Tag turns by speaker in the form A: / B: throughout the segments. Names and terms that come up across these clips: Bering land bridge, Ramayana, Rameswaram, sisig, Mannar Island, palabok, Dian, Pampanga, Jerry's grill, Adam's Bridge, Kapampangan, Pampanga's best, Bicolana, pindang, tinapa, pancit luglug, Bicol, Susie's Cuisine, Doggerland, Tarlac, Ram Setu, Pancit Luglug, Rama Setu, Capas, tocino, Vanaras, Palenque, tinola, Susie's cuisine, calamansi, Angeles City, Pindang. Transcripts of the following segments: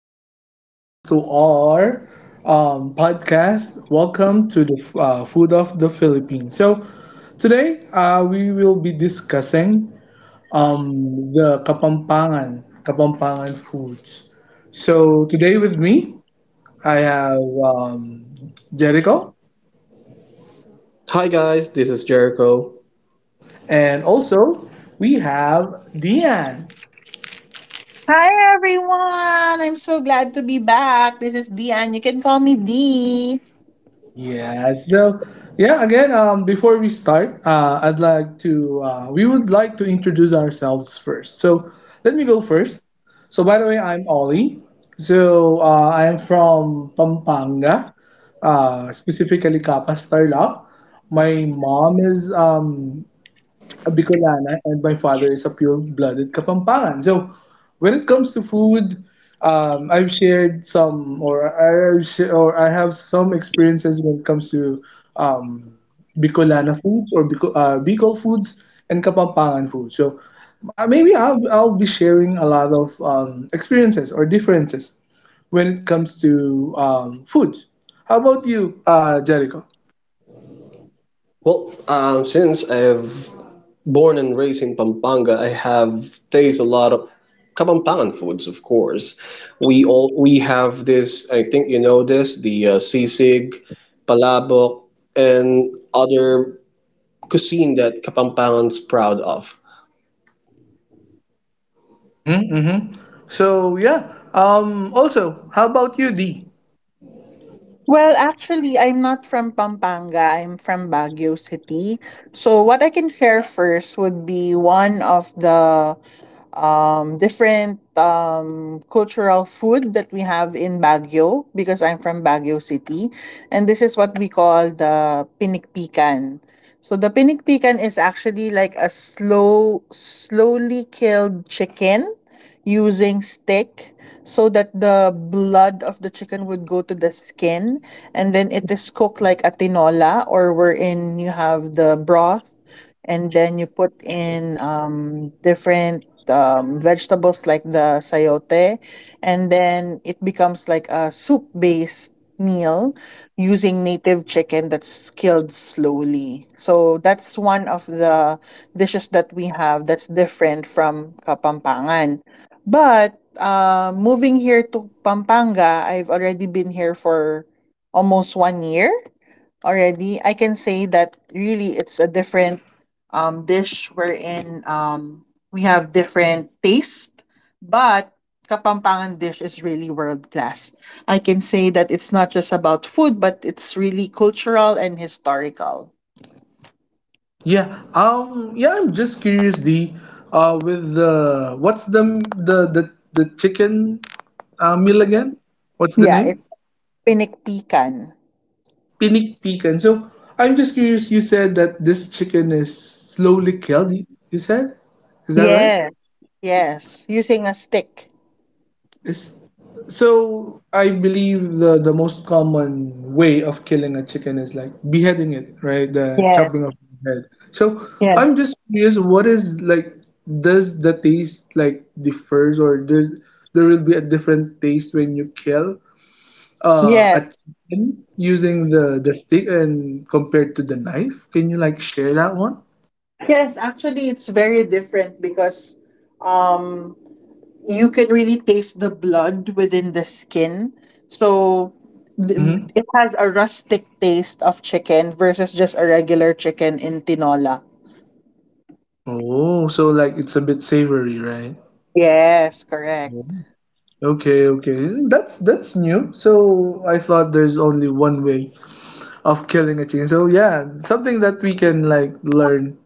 A: Welcome back to our podcast. Welcome to the Food of the Philippines. So, today we will be discussing the Kapampangan foods. So, today with me, I have Jericho,
B: Hi guys, this is Jericho.
A: and also we have Dian.
C: Hi everyone! I'm so glad to be back. This is Dian. You can call me Dee.
A: Yeah, so before we start, I'd like to, we would like to introduce ourselves first. So let me go first. So by the way, I'm Ollie. So I'm from Pampanga, specifically Capas, Tarlac. My mom is a Bicolana and my father is a pure-blooded Kapampangan. So when it comes to food, I've shared some, or I have some experiences when it comes to um, Bicolana foods or Bicol foods and Kapampangan foods. So maybe I'll be sharing a lot of experiences or differences when it comes to food. How about you, Jericho?
B: Well, since I've born and raised in Pampanga, I have tasted a lot of Kapampangan foods, of course. We have this. I think you know this, the sisig, palabok, and other cuisine that Kapampangan's proud of.
A: Mm-hmm, mm-hmm. So yeah. Also, how about you, Dee?
C: Well, actually, I'm not from Pampanga. I'm from Baguio City. So, what I can share first would be one of the different cultural food that we have in Baguio because I'm from Baguio City. And this is what we call the pinikpikan. So the pinikpikan is actually like a slowly killed chicken using stick so that the blood of the chicken would go to the skin and then it is cooked like a tinola or wherein you have the broth and then you put in different vegetables like the sayote, and then it becomes like a soup based meal using native chicken that's killed slowly. So that's one of the dishes that we have that's different from kapampangan. But, moving here to Pampanga, I've already been here for almost 1 year already. I can say that really it's a different dish wherein we have different taste, but Kapampangan dish is really world class. I can say that it's not just about food, but it's really cultural and historical.
A: Yeah. Yeah. I'm just curious, Dee. With the what's the chicken meal again? What's the
C: Yeah, it's
A: name?
C: pinikpikan.
A: Pinik pecan. So I'm just curious. You said that this chicken is slowly killed. You said, is that right?
C: Yes. Yes, using a stick.
A: Is so I believe the most common way of killing a chicken is like beheading it, right? The chopping of
C: Yes.
A: the head. So I'm
C: Yes.
A: just curious, what is like does the taste like differs, or there will be a different taste when you kill a
C: Yes.
A: chicken using the stick and compared to the knife? Can you like share that one?
C: Yes, actually it's very different because um you can really taste the blood within the skin. So th-
A: Mm-hmm.
C: it has a rustic taste of chicken versus just a regular chicken in tinola.
A: Oh, so like it's a bit savory, right?
C: Yes, correct.
A: Okay, okay. That's new. So I thought there's only one way of killing a chicken. So yeah, something that we can like learn.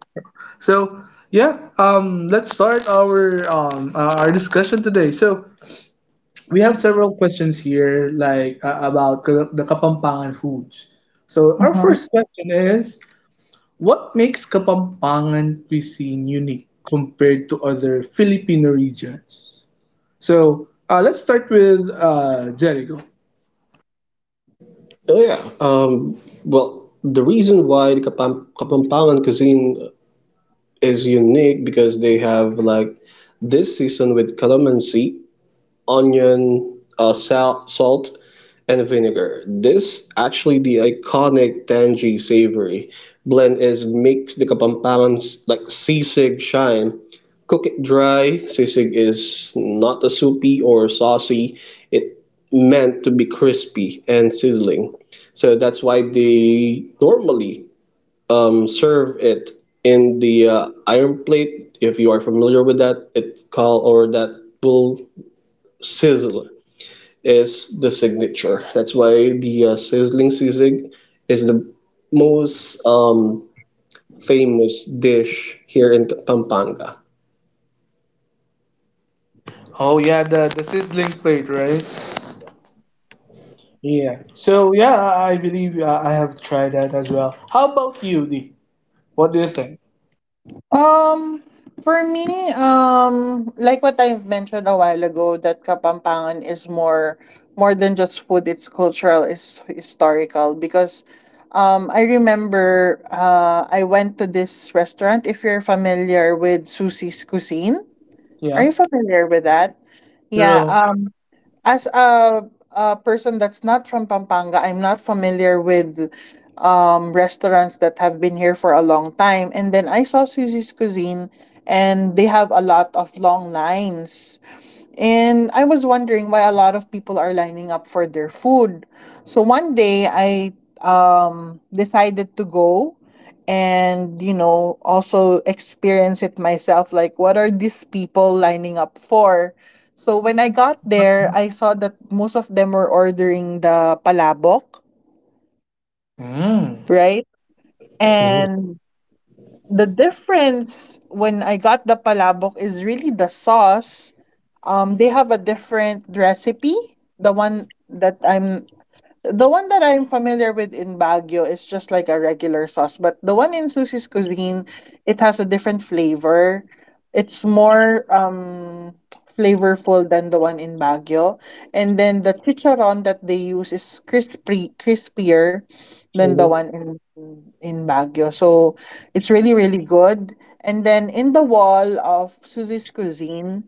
A: So yeah, let's start our discussion today. So we have several questions here like the Kapampangan foods. So our first question is what makes Kapampangan cuisine unique compared to other Filipino regions? So let's start with Jericho.
B: Oh yeah. Well, the reason why the Kapampangan cuisine is unique because they have like this season with calamansi onion, salt, and vinegar. This actually the iconic tangy savory blend is makes the Kapampangan's like sisig shine. Cook it dry. Sisig is not a soupy or saucy. It meant to be crispy and sizzling. So that's why they normally serve it in the iron plate. If you are familiar with that, it's called or that will sizzle is the signature. That's why the sizzling sisig is the most famous dish here in Pampanga.
A: Oh yeah, the sizzling plate, right? Yeah. So yeah, I believe I have tried that as well. How about you, D? What do you think?
C: Um, for me, like what I've mentioned a while ago, that Kapampangan is more than just food. It's cultural, it's historical. Because, I remember, I went to this restaurant. If you're familiar with Susie's Cuisine, are
A: Yeah.
C: you familiar with that? Yeah.
A: True.
C: As a person that's not from Pampanga, I'm not familiar with restaurants that have been here for a long time. And then I saw Susie's Cuisine, and they have a lot of long lines. And I was wondering why a lot of people are lining up for their food. So one day I decided to go and, you know, also experience it myself. Like, what are these people lining up for? So when I got there, I saw that most of them were ordering the palabok,
A: Mm.
C: right?
B: Mhm.
C: And the difference when I got the palabok is really the sauce. They have a different recipe. The one that I'm the one that I'm familiar with in Baguio is just like a regular sauce, but the one in Susie's Cuisine, it has a different flavor. It's more flavorful than the one in Baguio. And then the chicharon that they use is crispier than the
B: Mhm.
C: one in Baguio. So it's really good. And then in the wall of Susie's Cuisine,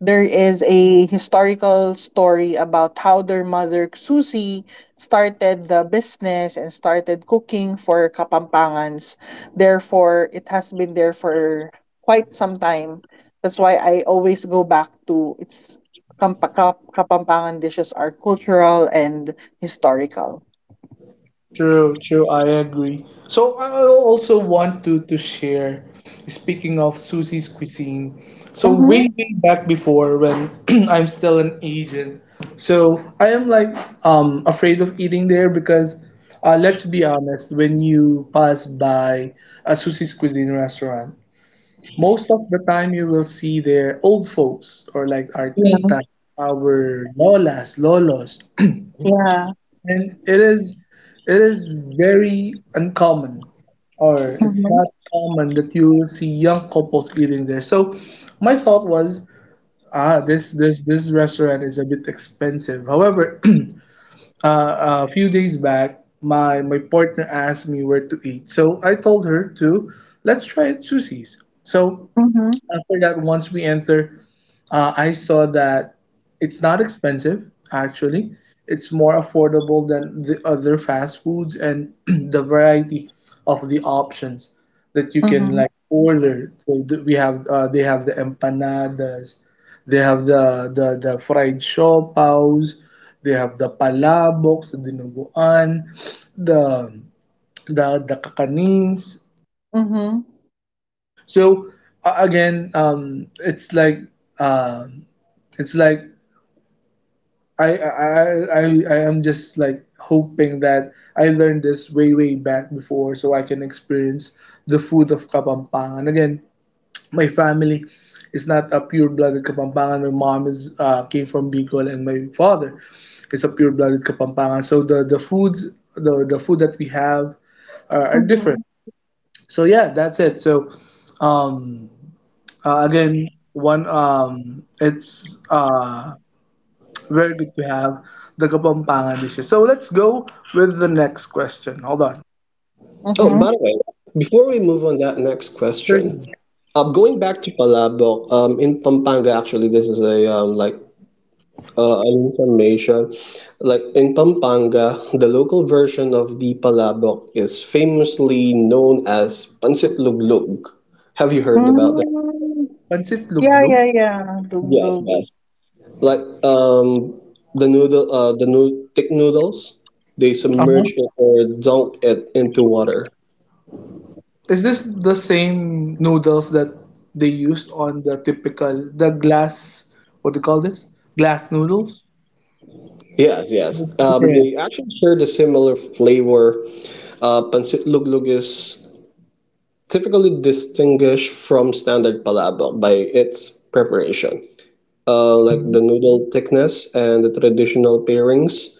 C: there is a historical story about how their mother Susie started the business and started cooking for Kapampangans. Therefore, it has been there for quite some time. That's why I always go back to its Kapampangan dishes are cultural and historical.
A: True, true, I agree. So I also want to share, speaking of Susie's cuisine. So way,
C: Mm-hmm.
A: way back before when I'm still an agent, so I am like afraid of eating there because let's be honest, when you pass by a Susie's cuisine restaurant, most of the time you will see their old folks or like our
C: Yeah.
A: tita, our lolas, lolos
C: Yeah.
A: and it is very uncommon or it's
C: Mm-hmm.
A: not common that you will see young couples eating there so my thought was ah this restaurant is a bit expensive however a few days back my partner asked me where to eat so I told her to let's try at sushi's so
C: Mm-hmm.
A: after that once we enter I saw that it's not expensive, actually. It's more affordable than the other fast foods and the variety of the options that you can
C: Mm-hmm.
A: like order. We have they have the empanadas, they have the the fried siopaws, they have the palabok, the dinuguan, the the kakanins.
C: Mm-hmm.
A: So a- again, um, it's like uh, it's like I I I am just like hoping that I learned this way way back before, so I can experience the food of Kapampangan again. My family is not a pure-blooded Kapampangan. My mom is came from Bicol, and my father is a pure-blooded Kapampangan. So the foods the food that we have are different. So yeah, that's it. So um, again, one it's very good to have the Kapampangan dishes. So let's go with the next question. Hold on.
B: Oh,
C: Mm-hmm.
B: by the way, before we move on that next
A: Sure.
B: question, going back to palabok, in Pampanga, actually, this is a like an information. Like in Pampanga, the local version of the palabok is famously known as pancit luglug. Have you heard about that?
C: Mm.
A: Pancit
C: Yeah,
A: luglug.
C: yeah, yeah. Doom, doom.
B: Like the noodle the nood thick noodles, they
A: Uh-huh.
B: submerge it or dunk it into water.
A: Is this the same noodles that they use on the typical the glass? What do you call this? Glass noodles.
B: Yes,
A: It's
B: yes.
A: different.
B: They actually share the similar flavor. Pancit luglug is typically distinguished from standard palabok by its preparation, like
A: Mhm.
B: the noodle thickness and the traditional pairings.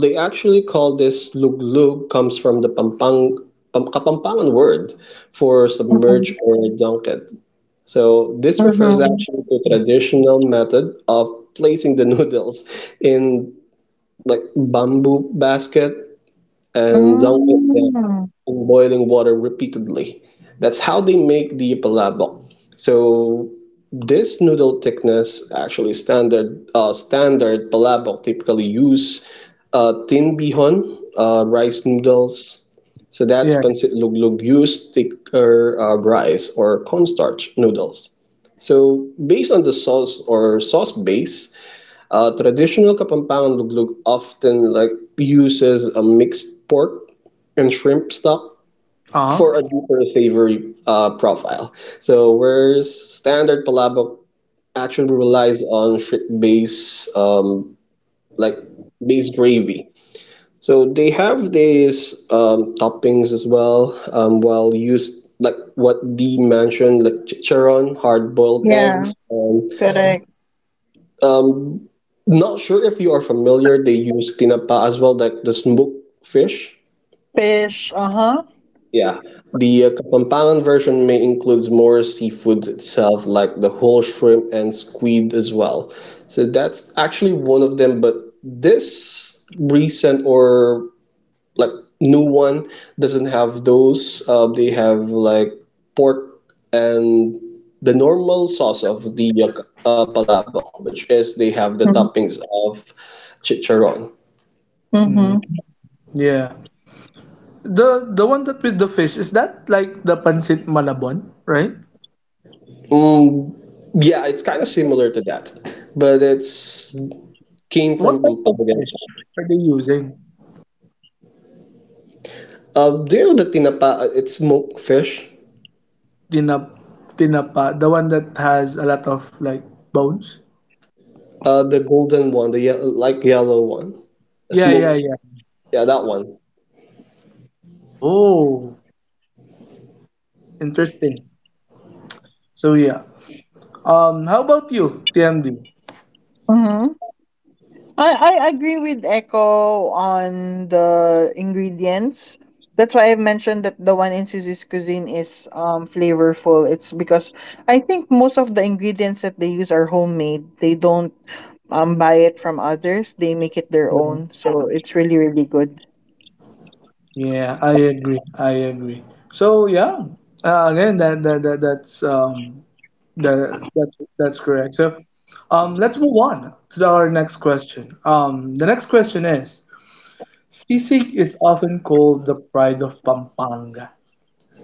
B: They actually call this luglug. Comes from the Kapampangan word for submerge
C: Mm-hmm.
B: or dunk it. So this refers
C: Mm-hmm.
B: actually to traditional method of placing the noodles in like bamboo basket and dunking them
C: Mm.
B: in boiling water repeatedly. That's how they make the palabok. So this noodle thickness actually standard palabok typically use tin bihon, rice noodles, so that's
A: Yeah.
B: pancit luglug used thicker rice or cornstarch noodles. So based on the sauce or sauce base, traditional Kapampangan luglug often like uses a mixed pork and shrimp stock for a
A: Uh-huh.
B: deeper savory profile. So whereas standard palabok actually relies on shrimp base, like base gravy. So they have these toppings as well. Well used like what Dee mentioned, like chicharon, hard-boiled
C: Yeah,
B: eggs.
C: correct.
B: Um, not sure if you are familiar. They use tinapa as well, like the smoked fish.
C: Fish, uh-huh.
B: Yeah. The Kapampangan version may includes more seafoods itself, like the whole shrimp and squid as well. So that's actually one of them. But this recent or like new one doesn't have those. They have like pork and the normal sauce of the palabok, which is they have the
C: Mm-hmm.
B: toppings of chicharron.
A: Mhm.
C: Mm-hmm.
A: Yeah. The one that with the fish is that like the pancit malabon, right?
B: Mm, yeah, it's kind of
A: Uh,
B: similar to that, but it's came
A: what
B: from
A: type of
B: Pampanga
A: fish
B: itself.
A: are they using?
B: Do you know the tinapa? It's smoked fish.
A: Tinap Tinapa, the one that has a lot of like bones.
B: The golden one, the like yellow one,
A: Yeah,
B: smoked.
A: yeah,
B: Fish.
A: yeah.
B: Yeah, that one.
A: Oh, interesting. So yeah. How about you, TMD?
C: Mm-hmm. I, I agree with Echo on the ingredients. That's why I've mentioned that the one in Susie's cuisine is flavorful. It's because I think most of the ingredients that they use are homemade. They don't buy it from others. They make it their
A: Yeah,
C: own. So it's really good.
A: yeah, I agree. I agree. So yeah, again, that, that that that's correct. So, let's move on to our next question. The next question is: Sisig is often called the pride of Pampanga.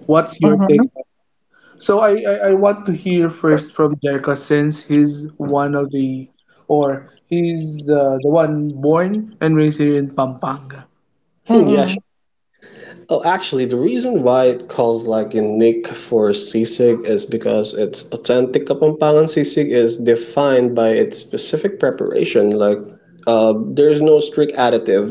A: What's your
C: Mhm,
A: take? So I want to hear first from Jericho since he's one of the, or he's the one born and raised here in Pampanga.
B: Yeah.
C: mm.
B: Oh, actually, the reason why it calls like unique for sisig is because its authentic Kapampangan sisig is defined by its specific preparation. Like, uh, there's no strict additive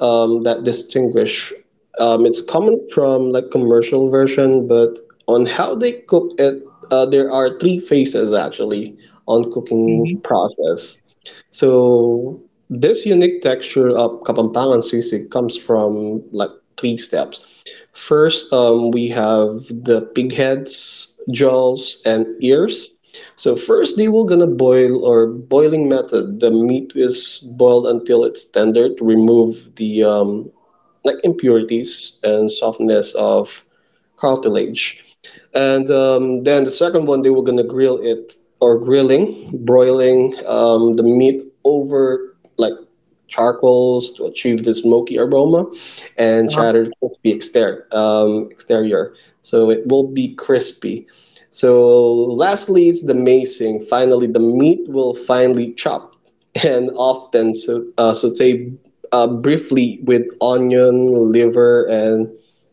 B: that distinguish. It's common from like commercial version, but on how they cook it, there are three phases actually on
A: Hmm.
B: cooking process. So this unique texture of Kapampangan sisig comes from like three steps. First, we have the pig heads, jaws, and ears. So first, they will gonna boil or boiling method. The meat is boiled until it's tender to remove the like impurities and softness of cartilage. And then the second one, they were gonna grill it or grilling, broiling the meat over like charcoals to achieve the smoky aroma and
A: Uh-huh.
B: shattered crispy exterior. So it will be crispy. So lastly is the macing. Finally, the meat will finely chop and often so, saute briefly with onion, liver, and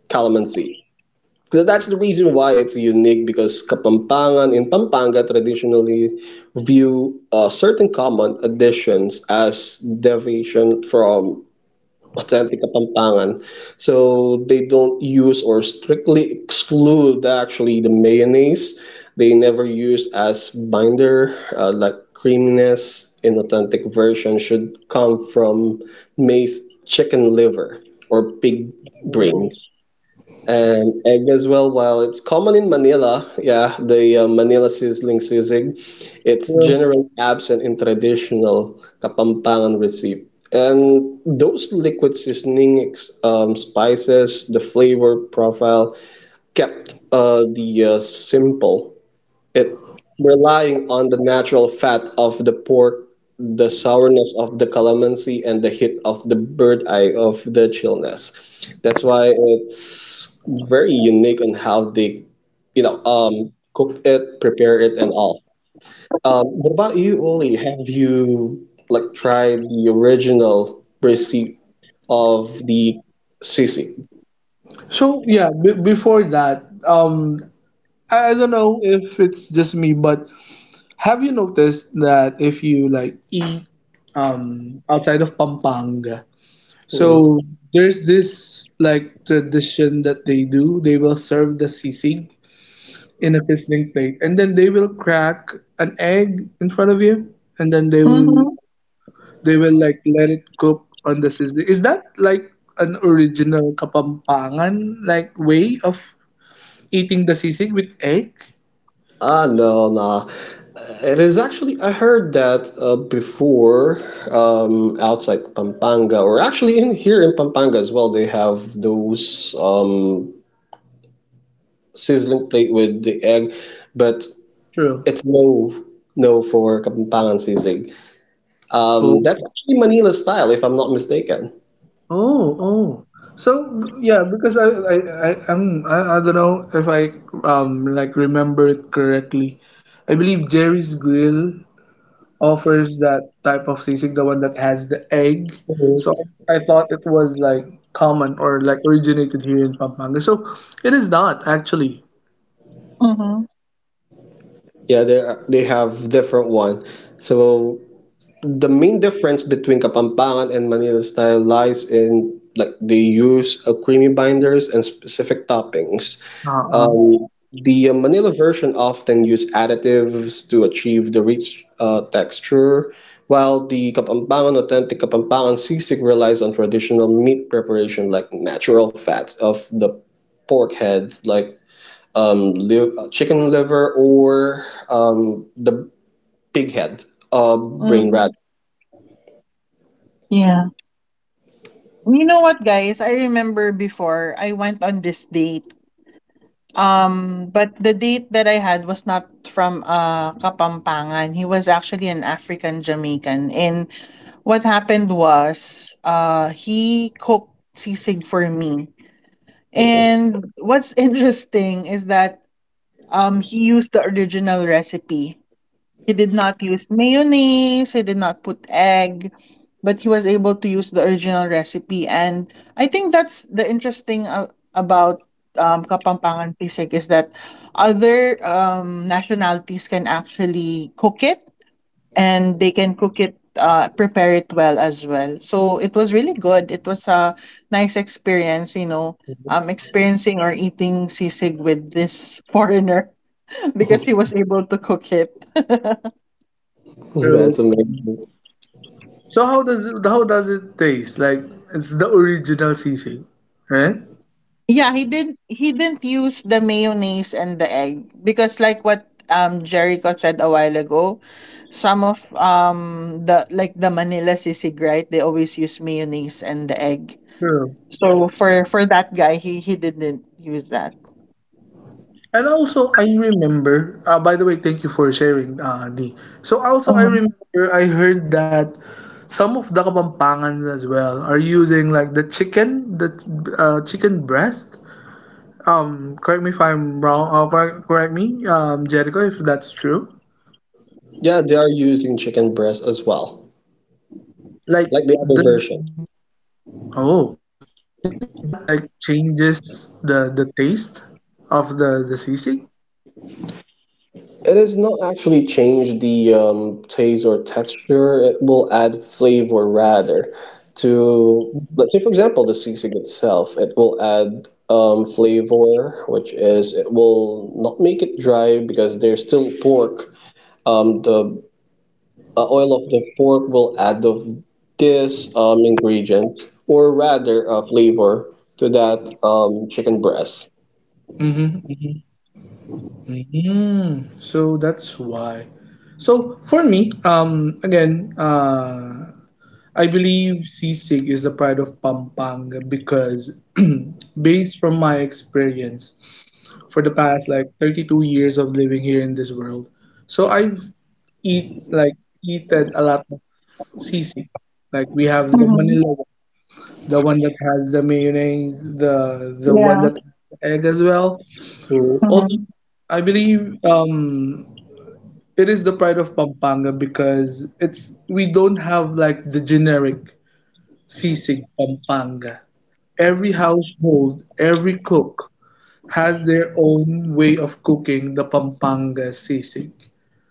B: calamansi. So that's the reason why it's unique because Kapampangan in Pampanga traditionally view certain common additions as deviation from authentic Kapampangan. So they don't use or strictly exclude actually the mayonnaise. They never use as binder, like creaminess in authentic version should come from maize chicken liver or pig
A: Oh.
B: brains. And egg as well, while it's common in Manila, yeah, the Manila sizzling sisig, it's
A: Well.
B: generally absent in traditional Kapampangan recipe. And those liquid seasoning, spices, the flavor profile kept the simple. It relying on the natural fat of the pork, the sourness of the calamansi, and the hit of the bird eye of the chillness. That's why it's very unique on how they, you know, cook it, prepare it, and all. What about you, Oli? Have you like tried the original recipe of the sisig?
A: So yeah, b before that, I don't know if it's just me, but have you noticed that if you like eat outside of Pampanga, so
B: Mm.
A: there's this like tradition that they do, they will serve the sisig in a fizzling plate and then they will crack an egg in front of you and then they
C: Mhm,
A: will they will like let it cook on the sizzling. Is that like an original Kapampangan like way of eating the sisig with egg?
B: Ah, no, nah. It is actually, I heard that before, outside Pampanga, or actually in here in Pampanga as well, they have those sizzling plate with the egg, but
A: True.
B: it's no no for Kapampangan sizzling.
A: Oh,
B: That's actually Manila style, if I'm not mistaken.
A: oh, oh. So yeah, because I don't know if I like remember it correctly. I believe Jerry's Grill offers that type of sisig, the one that has the egg.
B: Mhm.
A: So I thought it was like common or like originated here in Pampanga. So it is not actually.
C: mhm,
B: Yeah, they have different one. So the main difference between Kapampangan and Manila style lies in like the use of creamy binders and specific toppings.
A: Uh-uh.
B: The Manila version often use additives to achieve the rich texture, while the Kapampangan authentic Kapampangan sisig relies on traditional meat preparation like natural fats of the pork heads like chicken liver or the pig head, brain
C: mhm,
B: rat.
C: yeah. You know what, guys? I remember before I went on this date. But the date that I had was not from Kapampangan. He was actually an African Jamaican. And what happened was he cooked sisig for me. And what's interesting is that he used the original recipe. He did not use mayonnaise, he did not put egg, but he was able to use the original recipe. And I think that's the interesting about Kapampangan Sisig is that other nationalities can actually cook it and they can cook it, prepare it well as well. So it was really good. It was a nice experience, you know, experiencing or eating sisig with this foreigner because he was able to cook it.
A: True.
B: That's amazing.
A: So how does it taste? Like it's the original sisig, right?
C: Yeah, he didn't use the mayonnaise and the egg because like what Jericho said a while ago, some of the like the Manila sisig, right? They always use mayonnaise and the egg.
A: True.
C: So for that guy, he didn't use that.
A: And also, I remember. By the way, thank you for sharing, D. So also, I
C: Mm-hmm.
A: remember I heard that some of the Kapampangans as well are using like the chicken breast. Correct me if I'm wrong, or correct me, Jericho, if that's true.
B: Yeah, they are using chicken breast as well, like
A: Like,
B: the other
A: does,
B: version.
A: oh, does that like changes the taste of the sisig?
B: It is not actually change the taste or texture. It will add flavor rather to, let's say for example, the sisig itself. It will add flavor, which is it will not make it dry because there's still pork. The oil of the pork will add of this ingredient or rather flavor to that chicken breast.
A: Mm-hmm, mm-hmm. So that's why. So for me, I believe sisig is the pride of Pampanga because based from my experience, for the past like 32 years of living here in this world. So I've eat like eaten a lot of sisig. Like we have the
C: Mm-hmm.
A: Manila one, the one that has the mayonnaise, the one
C: Yeah.
A: that has the egg as well.
B: Mm,
C: Mm-hmm.
A: Also, I believe it is the pride of Pampanga because it's we don't have like the generic sisig Pampanga. Every household, every cook has their own way of cooking the Pampanga sisig.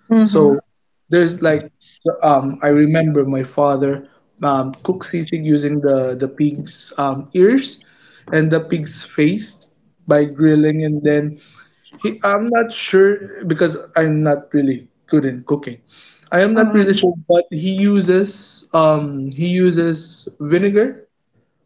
C: Mhm.
A: So there's I remember my father cooked sisig using the pig's ears and the pig's face by grilling, and then he I'm not sure because I'm not really good in cooking. I am not really sure, but he uses vinegar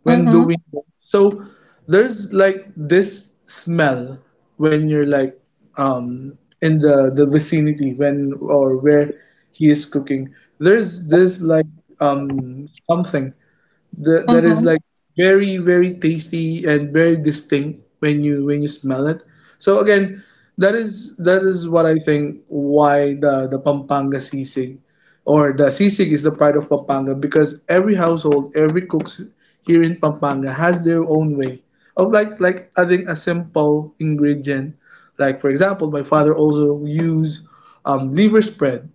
A: when
C: Mm-hmm.
A: doing that. So there's like this smell when you're like in the vicinity when or where he is cooking. There's this like something that is
C: Mhm.
A: like very very tasty and very distinct when you smell it. So again, that is what I think why the Pampanga sisig or the sisig is the pride of Pampanga, because every household, every cooks here in Pampanga has their own way of like adding a simple ingredient, like for example my father also use liver spread.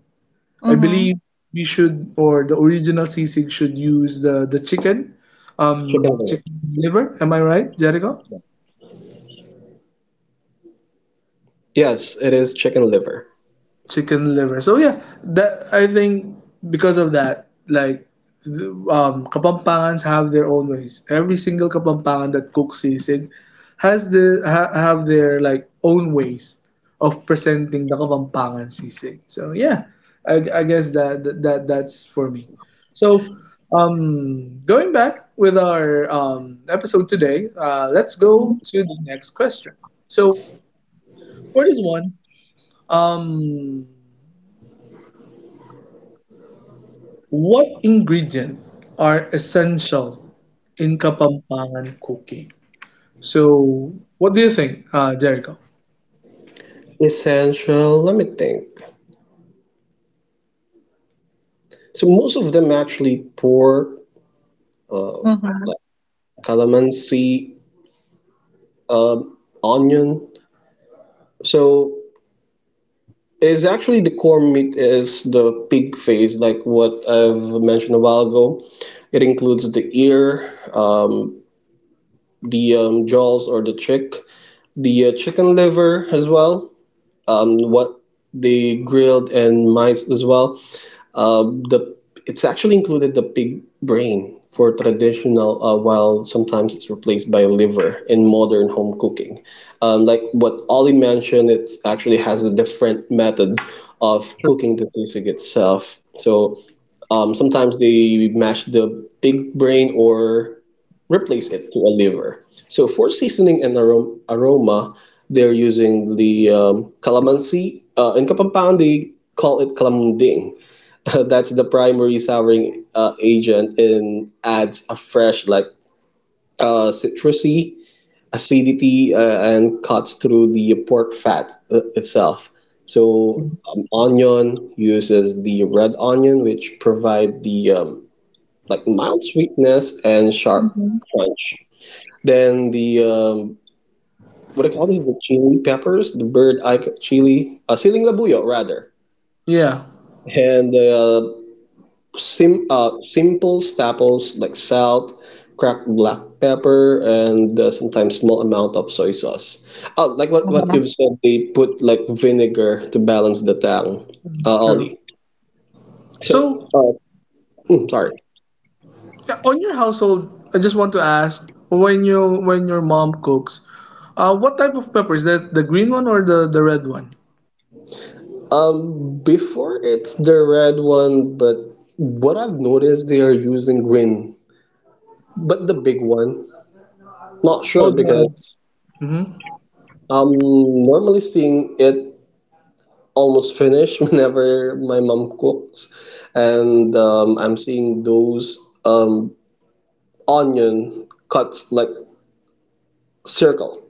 A: I
C: Mhm.
A: believe we should, or the original sisig should use the
B: chicken liver.
A: chicken liver. Am I right, Jericho?
B: Yes, it is chicken liver.
A: Chicken liver. So yeah, that I think because of that, like Kapampangans have their own ways. Every single Kapampangan that cooks sisig has have their like own ways of presenting the Kapampangan sisig. So yeah, I guess that's for me. So going back with our episode today, let's go to the next question. So for this one, um, what ingredient are essential in Kapampangan cooking? So, what do you think, Jericho?
B: Essential, let me think. So most of them actually pork, uh,
C: Mhm.
B: like calamansi, onion. So it is actually the core meat is the pig face, like what I've mentioned a while ago. It includes the ear, the jaws or the chick, the chicken liver as well. What they grilled and mice as well. The it's actually included the pig brain for traditional, while sometimes it's replaced by liver in modern home cooking. Like what Ollie mentioned, it actually has a different method of
A: Sure.
B: cooking the sisig itself. So sometimes they mash the pig brain or replace it to a liver. So for seasoning and aroma, they're using the calamansi. In Kapampangan, they call it calamunding. That's the primary souring agent and adds a fresh, like citrusy acidity and cuts through the pork fat itself. So onion uses the red onion, which provide the like mild sweetness and sharp
C: Mhm.
B: crunch. Then the what I call these? The chili peppers, the bird eye chili, siling labuyo rather,
A: Yeah,
B: and simple staples like salt, cracked black pepper, and sometimes small amount of soy sauce. Oh, like what you've said, they put like vinegar to balance the tang,
A: sure.
B: Ollie. So,
A: So,
B: uh, sorry.
A: yeah, on your household, I just want to ask when your mom cooks, what type of pepper is that? The green one or the red one?
B: Before it's the red one, but what I've noticed they are using green, but the big one. Not sure
A: Oh, the.
B: because
A: Mm-hmm.
B: I'm normally seeing it almost finished whenever my mom cooks, and I'm seeing those um, onion cuts like circle,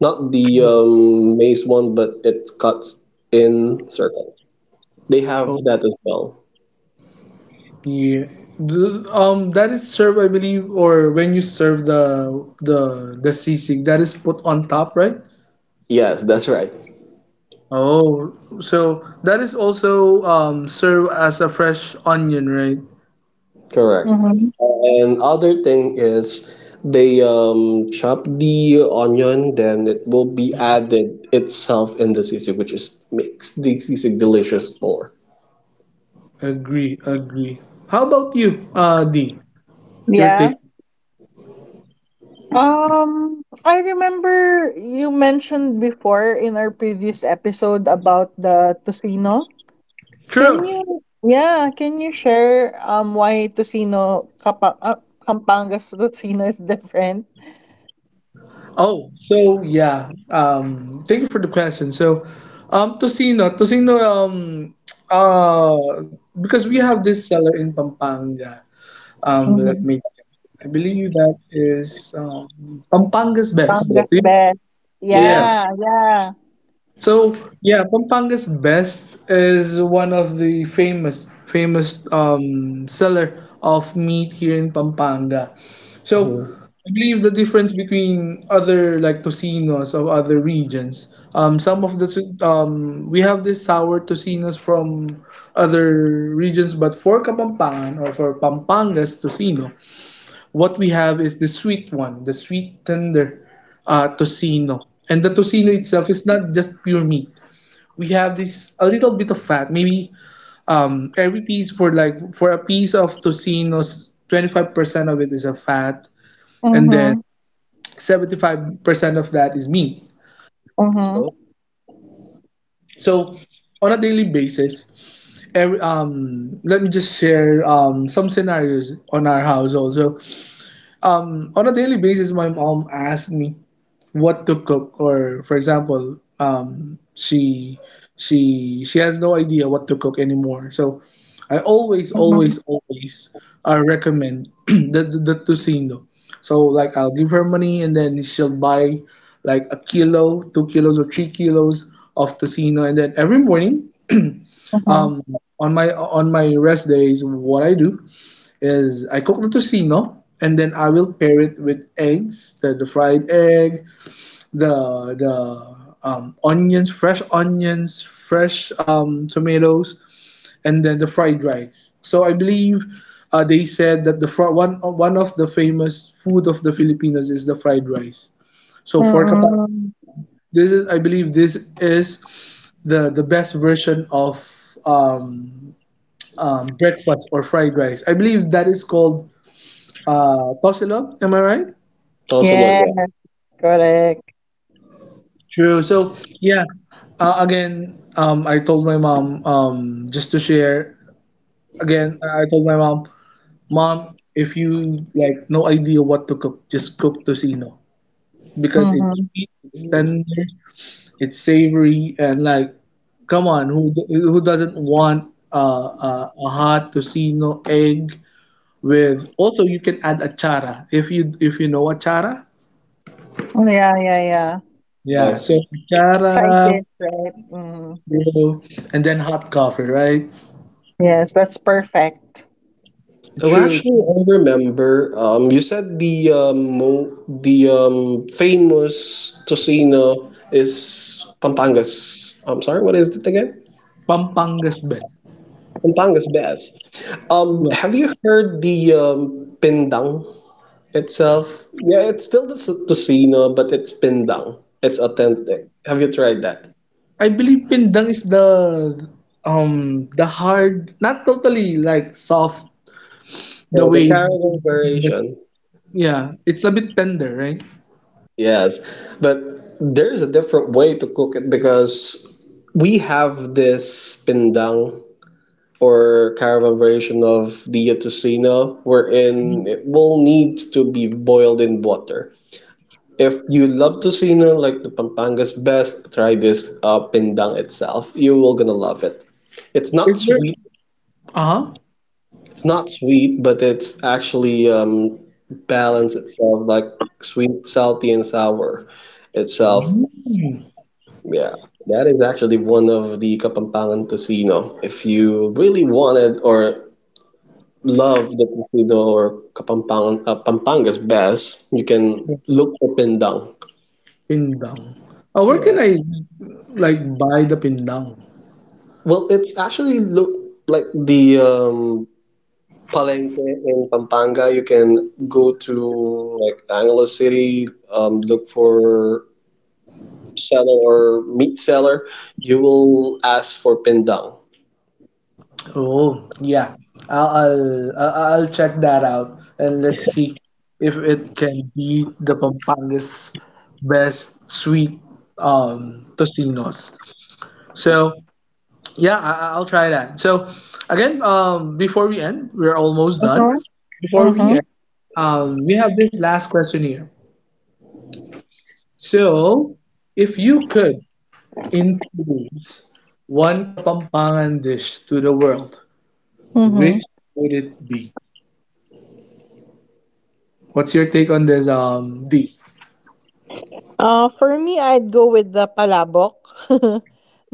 B: not the maize one, but it cuts in circle. They have
A: Oh,
B: that as well.
A: yeah. That is served, I believe, or when you serve the the sisig, that is put on top, right?
B: Yes, that's right.
A: Oh, so that is also served as a fresh onion, right?
B: Correct.
C: Mm-hmm.
B: And other thing is they chop the onion, then it will be added itself in the sisig, which is makes the sisig delicious more.
A: Agree, agree. How about you, D? Your
C: Yeah.
A: take?
C: Mm-hmm. I remember you mentioned before in our previous episode about the Tocino. Can
A: True.
C: you, yeah, can you share why Kampangas Tocino is different?
A: Oh, so yeah. Thank you for the question. So, Tocino, uh, because we have this seller in Pampanga. Let
C: Mm-hmm.
A: me. I believe that is Pampanga's best.
B: That's
C: Pangas
A: Do you-
B: nice.
C: best.
B: Yes.
A: Yeah.
C: Yeah, yeah.
A: So yeah, Pampanga's best is one of the famous seller of meat here in Pampanga. So
B: Mhm.
A: I believe the difference between other like tocinos of other regions. Some of the tu- We have this sour tocinos from other regions, but for Kapampangan or for Pampanga's tocino, what we have is the sweet one, the sweet tender tocino. And the tocino itself is not just pure meat, we have this a little bit of fat. Maybe Every piece, for like for a piece of tocino's, 25% of it is a fat, and then
C: Mm-hmm.
A: 75% of that is meat.
C: Mm-hmm.
B: Oh,
A: So on a daily basis, every, let me just share some scenarios on our house also. On a daily basis, my mom asked me what to cook. Or for example, she she has no idea what to cook anymore, so I always
C: Mm-hmm.
A: always always recommend the tocino. So like I'll give her money and then she'll buy like a kilo, 2 kilos, or 3 kilos of tocino. And then every morning
C: Mm-hmm.
A: um on my rest days, what I do is I cook the tocino, and then I will pair it with eggs, the fried egg, the onions, fresh tomatoes, and then the fried rice. So I believe they said that the fr- one one of the famous food of the Filipinos is the fried rice. So for kapal,
C: Mm-hmm.
A: this is, I believe this is the best version of um, breakfast or fried rice. I believe that is called tosilo. Am I right?
B: tosilog,
C: Yes.
B: yeah.
C: Correct.
A: True. So yeah, again, I told my mom, just to share. Again, I told my mom, mom, if you like no idea what to cook, just cook tocino because it's
C: Mm-hmm.
A: sweet, it's tender, it's savory, and like, come on, who doesn't want a hot tocino egg with? Also, you can add achara if you, if you know achara.
C: Yeah, yeah, yeah.
A: Yeah,
B: Yes.
A: so achara,
C: Side dish, right? Mm.
A: you, and then hot coffee, right?
C: Yes, that's perfect.
B: Oh,
A: True.
B: actually, I remember. You said the famous tocino is Pampangas. I'm sorry, what is it again?
A: Pampanga's best.
B: Pampanga is best.
A: Yeah.
B: Have you heard the pindang itself? Yeah, it's still the tocino, but it's pindang. It's authentic. Have you tried that?
A: I believe pindang is the hard, not totally like soft, the
B: Yeah, the
A: way
B: caraway
A: that-
B: variation.
A: yeah, it's a bit tender, right?
B: Yes, but there's a different way to cook it because we have this pindang or caravan variation of the tocino wherein it will need to be boiled in water. If you love tocino like the Pampanga's best, try this pindang itself. You will gonna love it. It's not
A: Is there,
B: sweet.
A: uh-huh.
B: It's not sweet, but it's actually balance itself like sweet, salty, and sour itself.
A: Mm.
B: Yeah, that is actually one of the Kapampangan tocino. If you really wanted or love the tocino or Kapampangan, Pampanga's best, you can look for pindang.
A: Pindang. Where can
B: Yes.
A: I like buy the pindang?
B: Well, it's actually look like the Palenque in Pampanga. You can go to like Angeles City, look for seller or meat seller. You will ask for pindang.
A: Oh, yeah. I'll check that out and let's see if it can beat the Pampanga's best sweet tostinos. So yeah, I'll try that. So again, before we end, we're almost done.
C: Mm-hmm.
A: Before we
C: Mm-hmm.
A: end, we have this last question here. So if you could introduce one Kapampangan dish to the world,
C: Mm-hmm.
A: which would it be? What's your take on this, D?
C: For me, I'd go with the palabok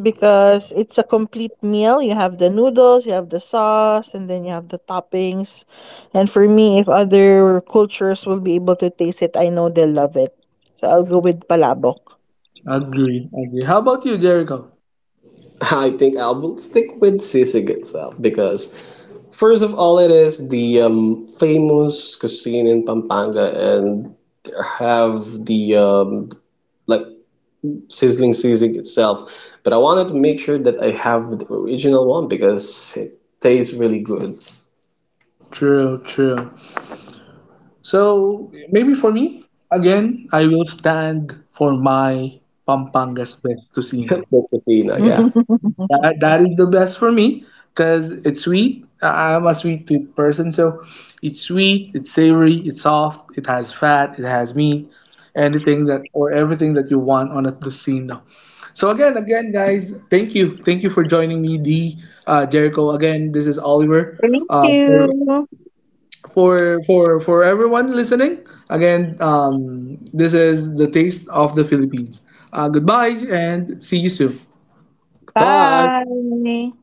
C: because it's a complete meal. You have the noodles, you have the sauce, and then you have the toppings. And for me, if other cultures will be able to taste it, I know they'll love it. So I'll go with Palabok.
A: Agree, agree. How about you, Jericho?
B: I think I will stick with sisig itself because first of all, it is the famous cuisine in Pampanga, and have the like sizzling seasoning itself. But I wanted to make sure that I have the original one because it tastes really good. That's
A: True, true. So maybe for me, again, I will stand for my Pampanga's best tocino.
B: the Fina,
A: And that,
B: yeah.
A: that that is the best for me because it's sweet. I'm a sweet tooth person, so it's sweet, it's savory, it's soft, it has fat, it has meat, anything that or everything that you want on a tocino. So again, again, guys, thank you for joining me, D, Jericho. Again, this is Oliver.
C: Thank
A: Uh, for
C: you.
A: for for everyone listening, again, this is the taste of the Philippines. Goodbye, and see you soon.
B: Bye.
C: Bye.